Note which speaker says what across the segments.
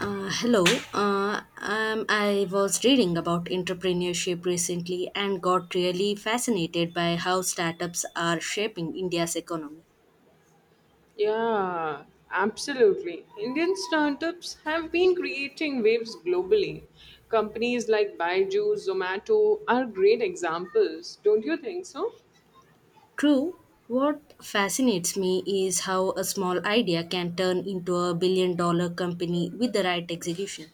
Speaker 1: Hello. I was reading about entrepreneurship recently and got really fascinated by how startups are shaping India's economy.
Speaker 2: Yeah, absolutely. Indian startups have been creating waves globally. Companies like Byju's, Zomato are great examples, don't you think so?
Speaker 1: True, what fascinates me is how a small idea can turn into a billion dollar company with the right execution.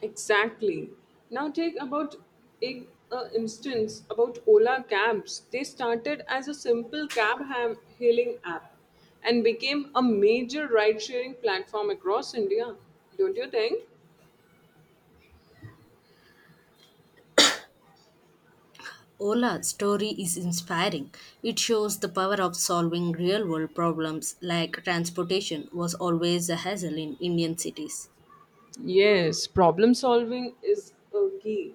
Speaker 2: Exactly. Now take about a, a instance about Ola cabs. They started as a simple hailing app and became a major ride-sharing platform across India, don't you think?
Speaker 1: Ola's story is inspiring. It shows the power of solving real world problems, like transportation was always a hassle in Indian cities.
Speaker 2: Yes, problem solving is a key.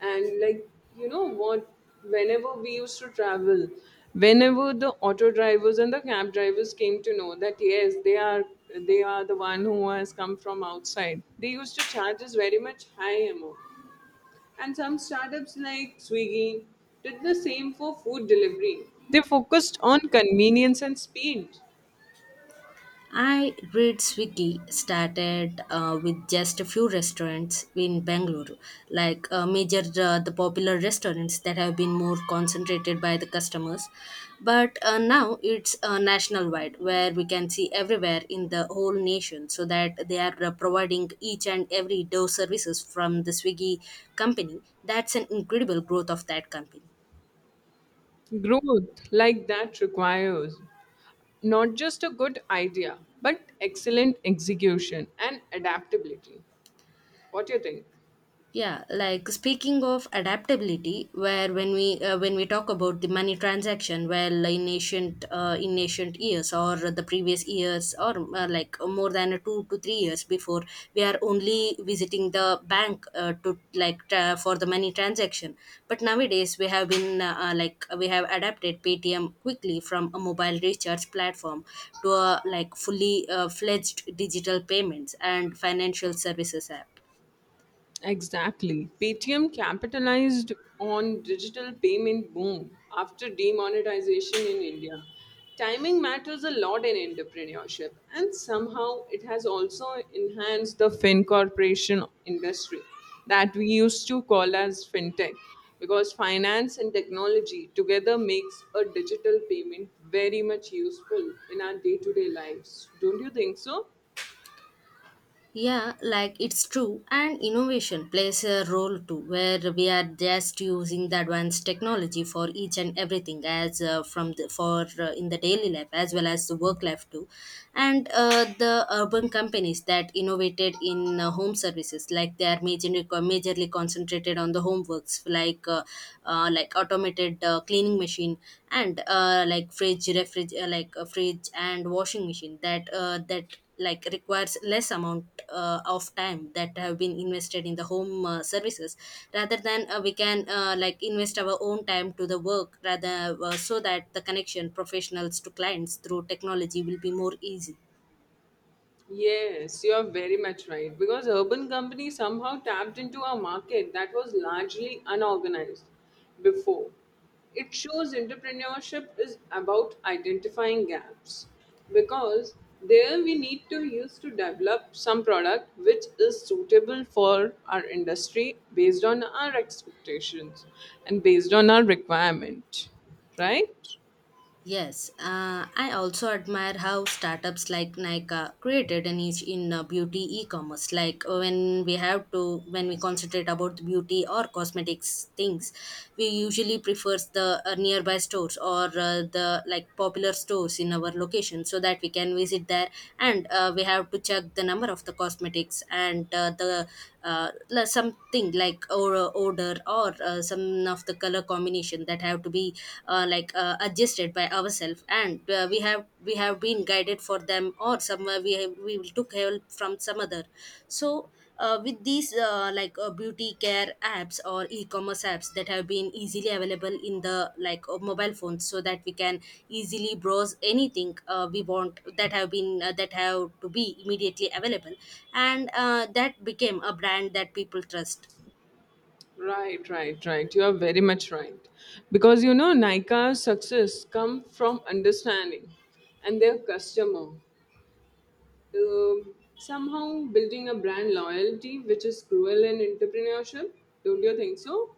Speaker 2: And, like, you know what, whenever we used to travel, whenever the auto drivers and the cab drivers came to know that yes, they are the one who has come from outside, they used to charge us very much high amount. And some startups like Swiggy did the same for food delivery. They focused on convenience and speed.
Speaker 1: I read Swiggy started with just a few restaurants in Bangalore, like major the popular restaurants that have been more concentrated by the customers. But now it's national wide, where we can see everywhere in the whole nation, so that they are providing each and every door services from the Swiggy company. That's an incredible growth of that company.
Speaker 2: Growth like that requires. Not just a good idea, but excellent execution and adaptability. What do you think?
Speaker 1: Yeah, like speaking of adaptability, where when we talk about the money transaction. Well, in ancient years or the previous years or like more than 2 to 3 years before, we are only visiting the bank to like for the money transaction. But nowadays we have been like we have adapted Paytm quickly from a mobile recharge platform to a like fully fledged digital payments and financial services app.
Speaker 2: Exactly. Paytm capitalized on digital payment boom after demonetization in India. Timing matters a lot in entrepreneurship, and somehow it has also enhanced the FinCorporation industry that we used to call as fintech because finance and technology together makes a digital payment very much useful in our day-to-day lives. Don't you think so?
Speaker 1: Yeah, like it's true. And innovation plays a role too, where we are just using the advanced technology for each and everything, as from the, for in the daily life as well as the work life too. And the urban companies that innovated in home services, like they are majorly concentrated on the home works, like automated cleaning machine and like fridge, refrigerator, like a fridge and washing machine that like requires less amount of time that have been invested in the home services, rather than we can like invest our own time to the work rather so that the connection professionals to clients through technology will be more easy.
Speaker 2: Yes, you're very much right. Because urban companies somehow tapped into a market that was largely unorganized before. It shows entrepreneurship is about identifying gaps because there we need to use to develop some product which is suitable for our industry based on our expectations and based on our requirement, right?
Speaker 1: Yes, I also admire how startups like Nike created a niche in beauty e-commerce. Like when we concentrate about the beauty or cosmetics things, we usually prefers the nearby stores or the like popular stores in our location so that we can visit there, and we have to check the number of the cosmetics and the like something like or odor or some of the color combination that have to be adjusted by ourselves, and we have been guided for them, or somewhere we will took help from some other. So with these beauty care apps or e-commerce apps that have been easily available in the like mobile phones so that we can easily browse anything we want that have been that have to be immediately available, and that became a brand that people trust.
Speaker 2: Right, right, right. You are very much right. Because, you know, Nika's success come from understanding and their customer. Somehow building a brand loyalty, which is cruel in entrepreneurship. Don't you think so?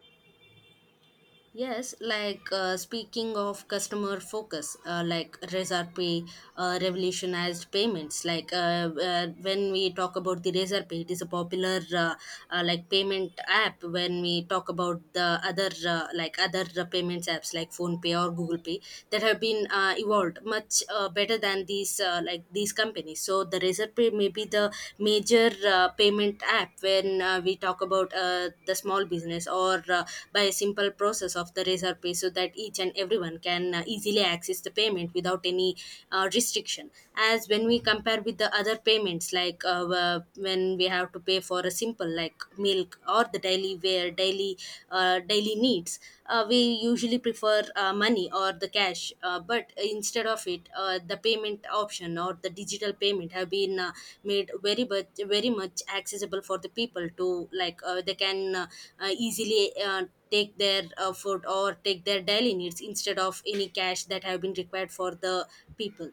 Speaker 1: Yes, like speaking of customer focus, like Razorpay revolutionized payments. Like when we talk about the Razorpay, it is a popular like payment app. When we talk about the other like other payments apps like PhonePe or Google Pay that have been evolved much better than these companies. So the Razorpay may be the major payment app when we talk about the small business, or by a simple process of the Razor Pay so that each and everyone can easily access the payment without any restriction. As when we compare with the other payments, like when we have to pay for a simple like milk or the daily wear, daily needs, we usually prefer money or the cash, but instead of it the payment option or the digital payment have been made very much accessible for the people to like they can easily take their food or take their daily needs instead of any cash that have been required for the people.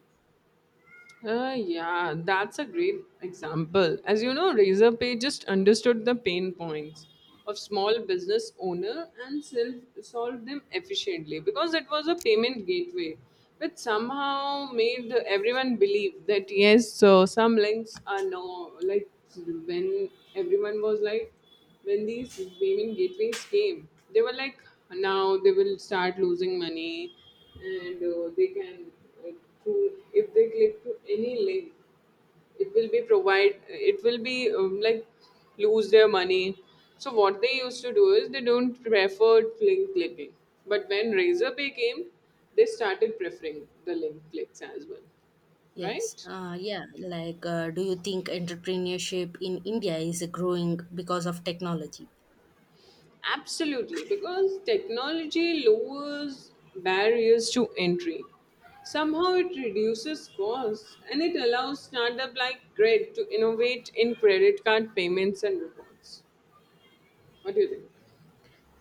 Speaker 2: Yeah, that's a great example. As you know, Razorpay just understood the pain points of small business owner and self- solved them efficiently because it was a payment gateway, which somehow made everyone believe that yes, so some links are no, like, when everyone was like when these payment gateways came, they were like now they will start losing money and they can to if they click to any link it will be provide it will be, like, lose their money. So what they used to do is they don't prefer link clicking. But when Razorpay came, they started preferring the link clicks as well,
Speaker 1: yes
Speaker 2: right.
Speaker 1: uh, yeah, like do you think entrepreneurship in India is growing because of technology?
Speaker 2: Absolutely, because technology lowers barriers to entry. Somehow it reduces costs and it allows startup like Grid to innovate in credit card payments and rewards. What do you think?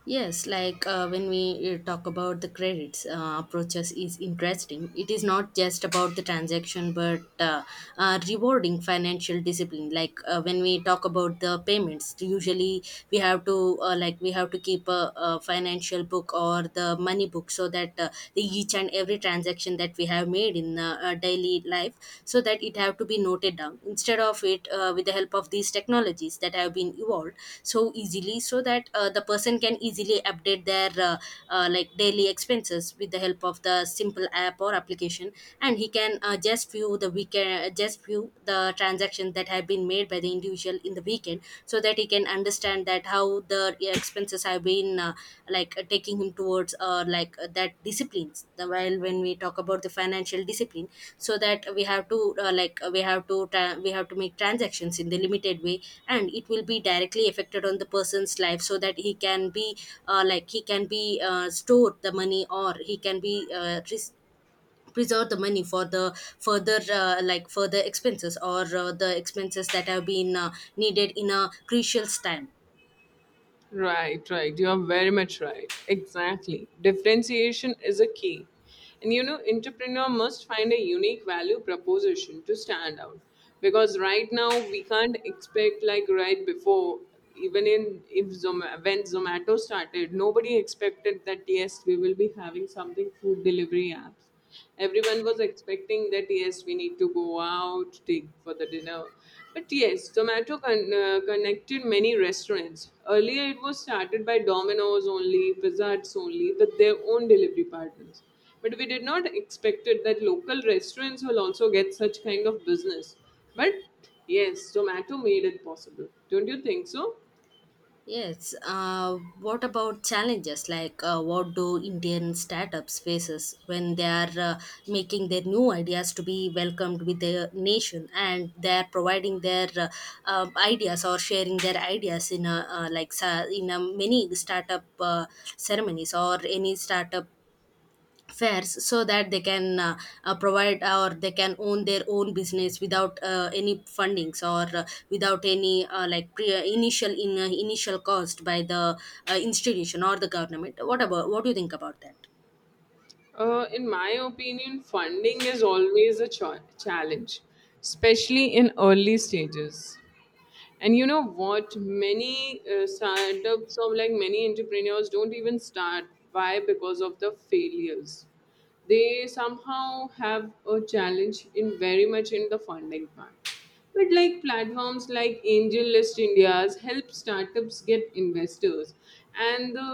Speaker 1: Yes, like when we talk about the credits approaches is interesting. It is not just about the transaction, but rewarding financial discipline. Like when we talk about the payments, usually we have to like we have to keep a financial book or the money book, so that the each and every transaction that we have made in a daily lead life, so that it have to be noted down. Instead of it, with the help of these technologies that have been evolved so easily, so that the person can easily update their like daily expenses with the help of the simple app or application. And he can just view the transactions that have been made by the individual in the weekend, so that he can understand that how the expenses have been taking him towards that disciplines the while when we talk about the financial discipline. So that we have to like we have to tra- we have to make transactions in the limited way, and it will be directly affected on the person's life so that he can be like he can be stored the money, or he can be preserve the money for the further like further expenses, or the expenses that have been needed in a crucial time.
Speaker 2: Right, right. You are very much right. Exactly. Differentiation is a key. And you know, entrepreneur must find a unique value proposition to stand out. Because right now we can't expect like right before even in if Zoma, when Zomato started, nobody expected that yes, we will be having something food delivery apps. Everyone was expecting that yes we need to go out take for the dinner. But yes, tomato connected many restaurants. Earlier it was started by Domino's only, Pizza Hut's only, with their own delivery partners, but we did not expected that local restaurants will also get such kind of business. But yes, tomato made it possible, don't you think so?
Speaker 1: Yes. What about challenges, like what do Indian startups faces when they are making their new ideas to be welcomed with the nation, and they are providing their ideas, or sharing their ideas in a many startup ceremonies or any startup fairs, so that they can provide, or they can own their own business without any fundings, or without any initial cost by the institution or the government. What about, what do you think about that?
Speaker 2: In my opinion, funding is always a challenge, especially in early stages. And you know what? Many startups, or like many entrepreneurs, don't even start. Why? Because of the failures they somehow have a challenge in very much in the funding part. But like platforms like Angel List India's help startups get investors. And the,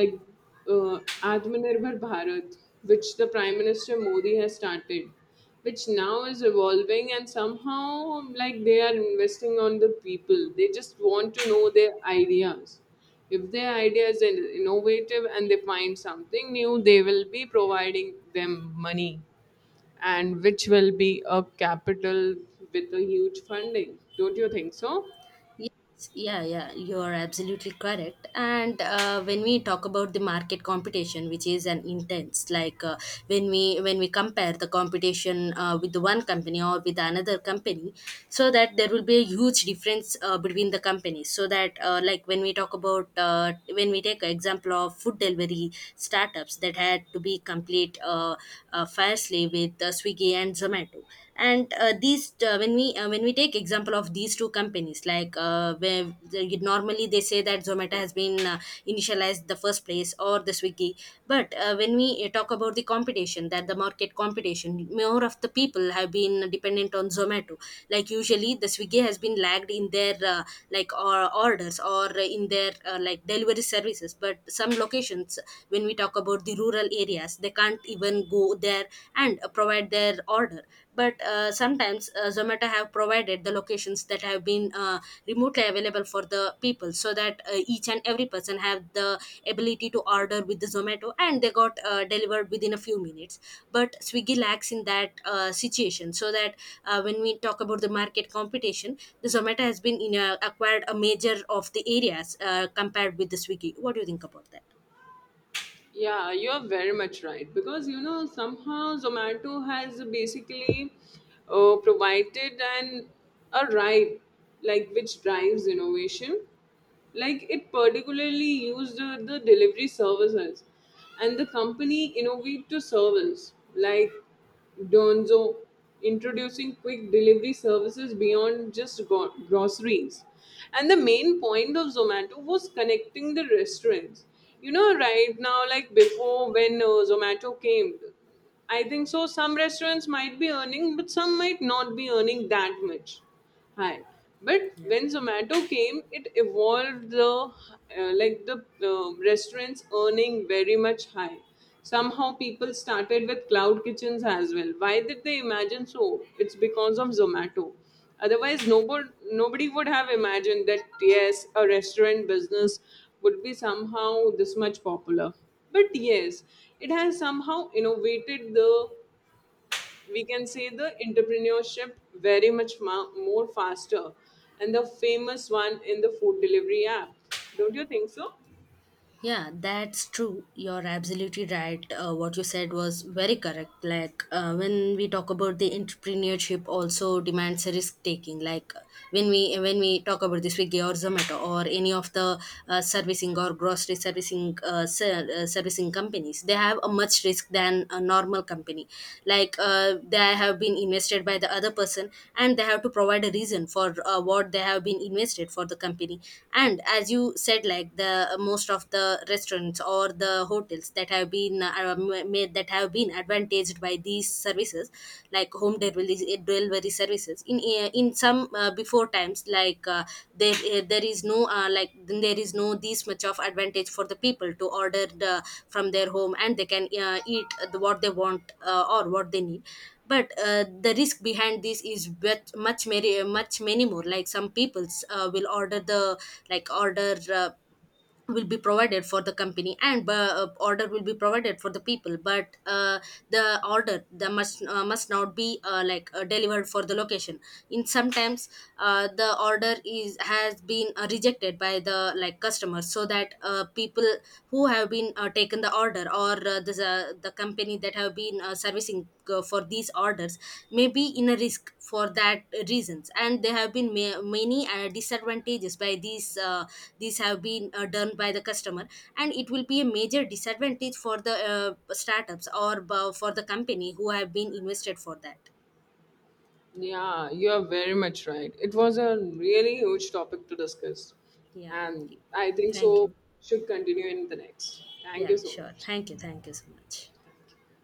Speaker 2: like, uh, Atmanirbhar Bharat, which the Prime Minister Modi has started, which now is evolving, and somehow like they are investing on the people. They just want to know their ideas. If their idea is innovative and they find something new, they will be providing them money, and which will be a capital with a huge funding, don't you think so?
Speaker 1: Yes, yeah, yeah, you're absolutely correct. And when we talk about the market competition, which is an intense, like when we compare the competition with the one company or with another company, so that there will be a huge difference between the companies. So that like when we take an example of food delivery startups that had to be complete fiercely with Swiggy and Zomato. And these when we take example of these two companies, like normally they say that Zomato has been initialized the first place or the Swiggy. But when we talk about the competition, that the market competition, more of the people have been dependent on Zomato. Like usually the Swiggy has been lagged in their like or orders or in their like delivery services, but some locations, when we talk about the rural areas, they can't even go there and provide their order. But sometimes Zomato have provided the locations that have been remotely available for the people, so that each and every person have the ability to order with the Zomato and they got delivered within a few minutes. But Swiggy lacks in that situation, so that when we talk about the market competition, the Zomato has been acquired a major of the areas compared with the Swiggy. What do you think about that?
Speaker 2: Yeah, you're very much right. Because you know somehow Zomato has basically provided an a right, like, which drives innovation. Like it particularly used the delivery services, and the company innovate to service like Donzo, introducing quick delivery services beyond just groceries. And the main point of Zomato was connecting the restaurants. You know, right now, like before, when Zomato came, I think so some restaurants might be earning, but some might not be earning that much high. But
Speaker 1: Yeah.
Speaker 2: when Zomato came, it evolved the like the restaurants earning very much high. Somehow people started with cloud kitchens as well. Why did they imagine so? It's because of Zomato. Otherwise, nobody would have imagined that, yes, a restaurant business would be somehow this much popular. But yes, it has somehow innovated the, we can say, the entrepreneurship very much more faster. And the famous one in the food delivery app. Don't you think so?
Speaker 1: Yeah, that's true. You're absolutely right. What you said was very correct. Like when we talk about the entrepreneurship, also demands a risk taking. Like when we talk about the Swiggy or Zomato, or any of the servicing or grocery servicing companies, they have a much risk than a normal company. Like they have been invested by the other person, and they have to provide a reason for what they have been invested for the company. And as you said, like the most of the restaurants or the hotels that have been made, that have been advantaged by these services, like home delivery, delivery services in some before times. Like there is no this much of advantage for the people to order from their home, and they can eat what they want or what they need. But the risk behind this is much many more, like some peoples will order the, like order will be provided for the company, and order will be provided for the people. But the order the must not be delivered for the location in sometimes. Uh, the order is has been rejected by the like customers, so that people who have been taken the order, or the company that have been servicing for these orders, may be in a risk for that reasons. And there have been many disadvantages by these have been done by the customer, and it will be a major disadvantage for the startups or for the company who have been invested for that.
Speaker 2: Yeah, you are very much right. It was a really huge topic to discuss.
Speaker 1: Yeah,
Speaker 2: And I think
Speaker 1: thank
Speaker 2: so
Speaker 1: you.
Speaker 2: should continue in the next. Thank
Speaker 1: Yeah,
Speaker 2: you so
Speaker 1: sure.
Speaker 2: much.
Speaker 1: Thank you, thank you so much.
Speaker 2: Thank you.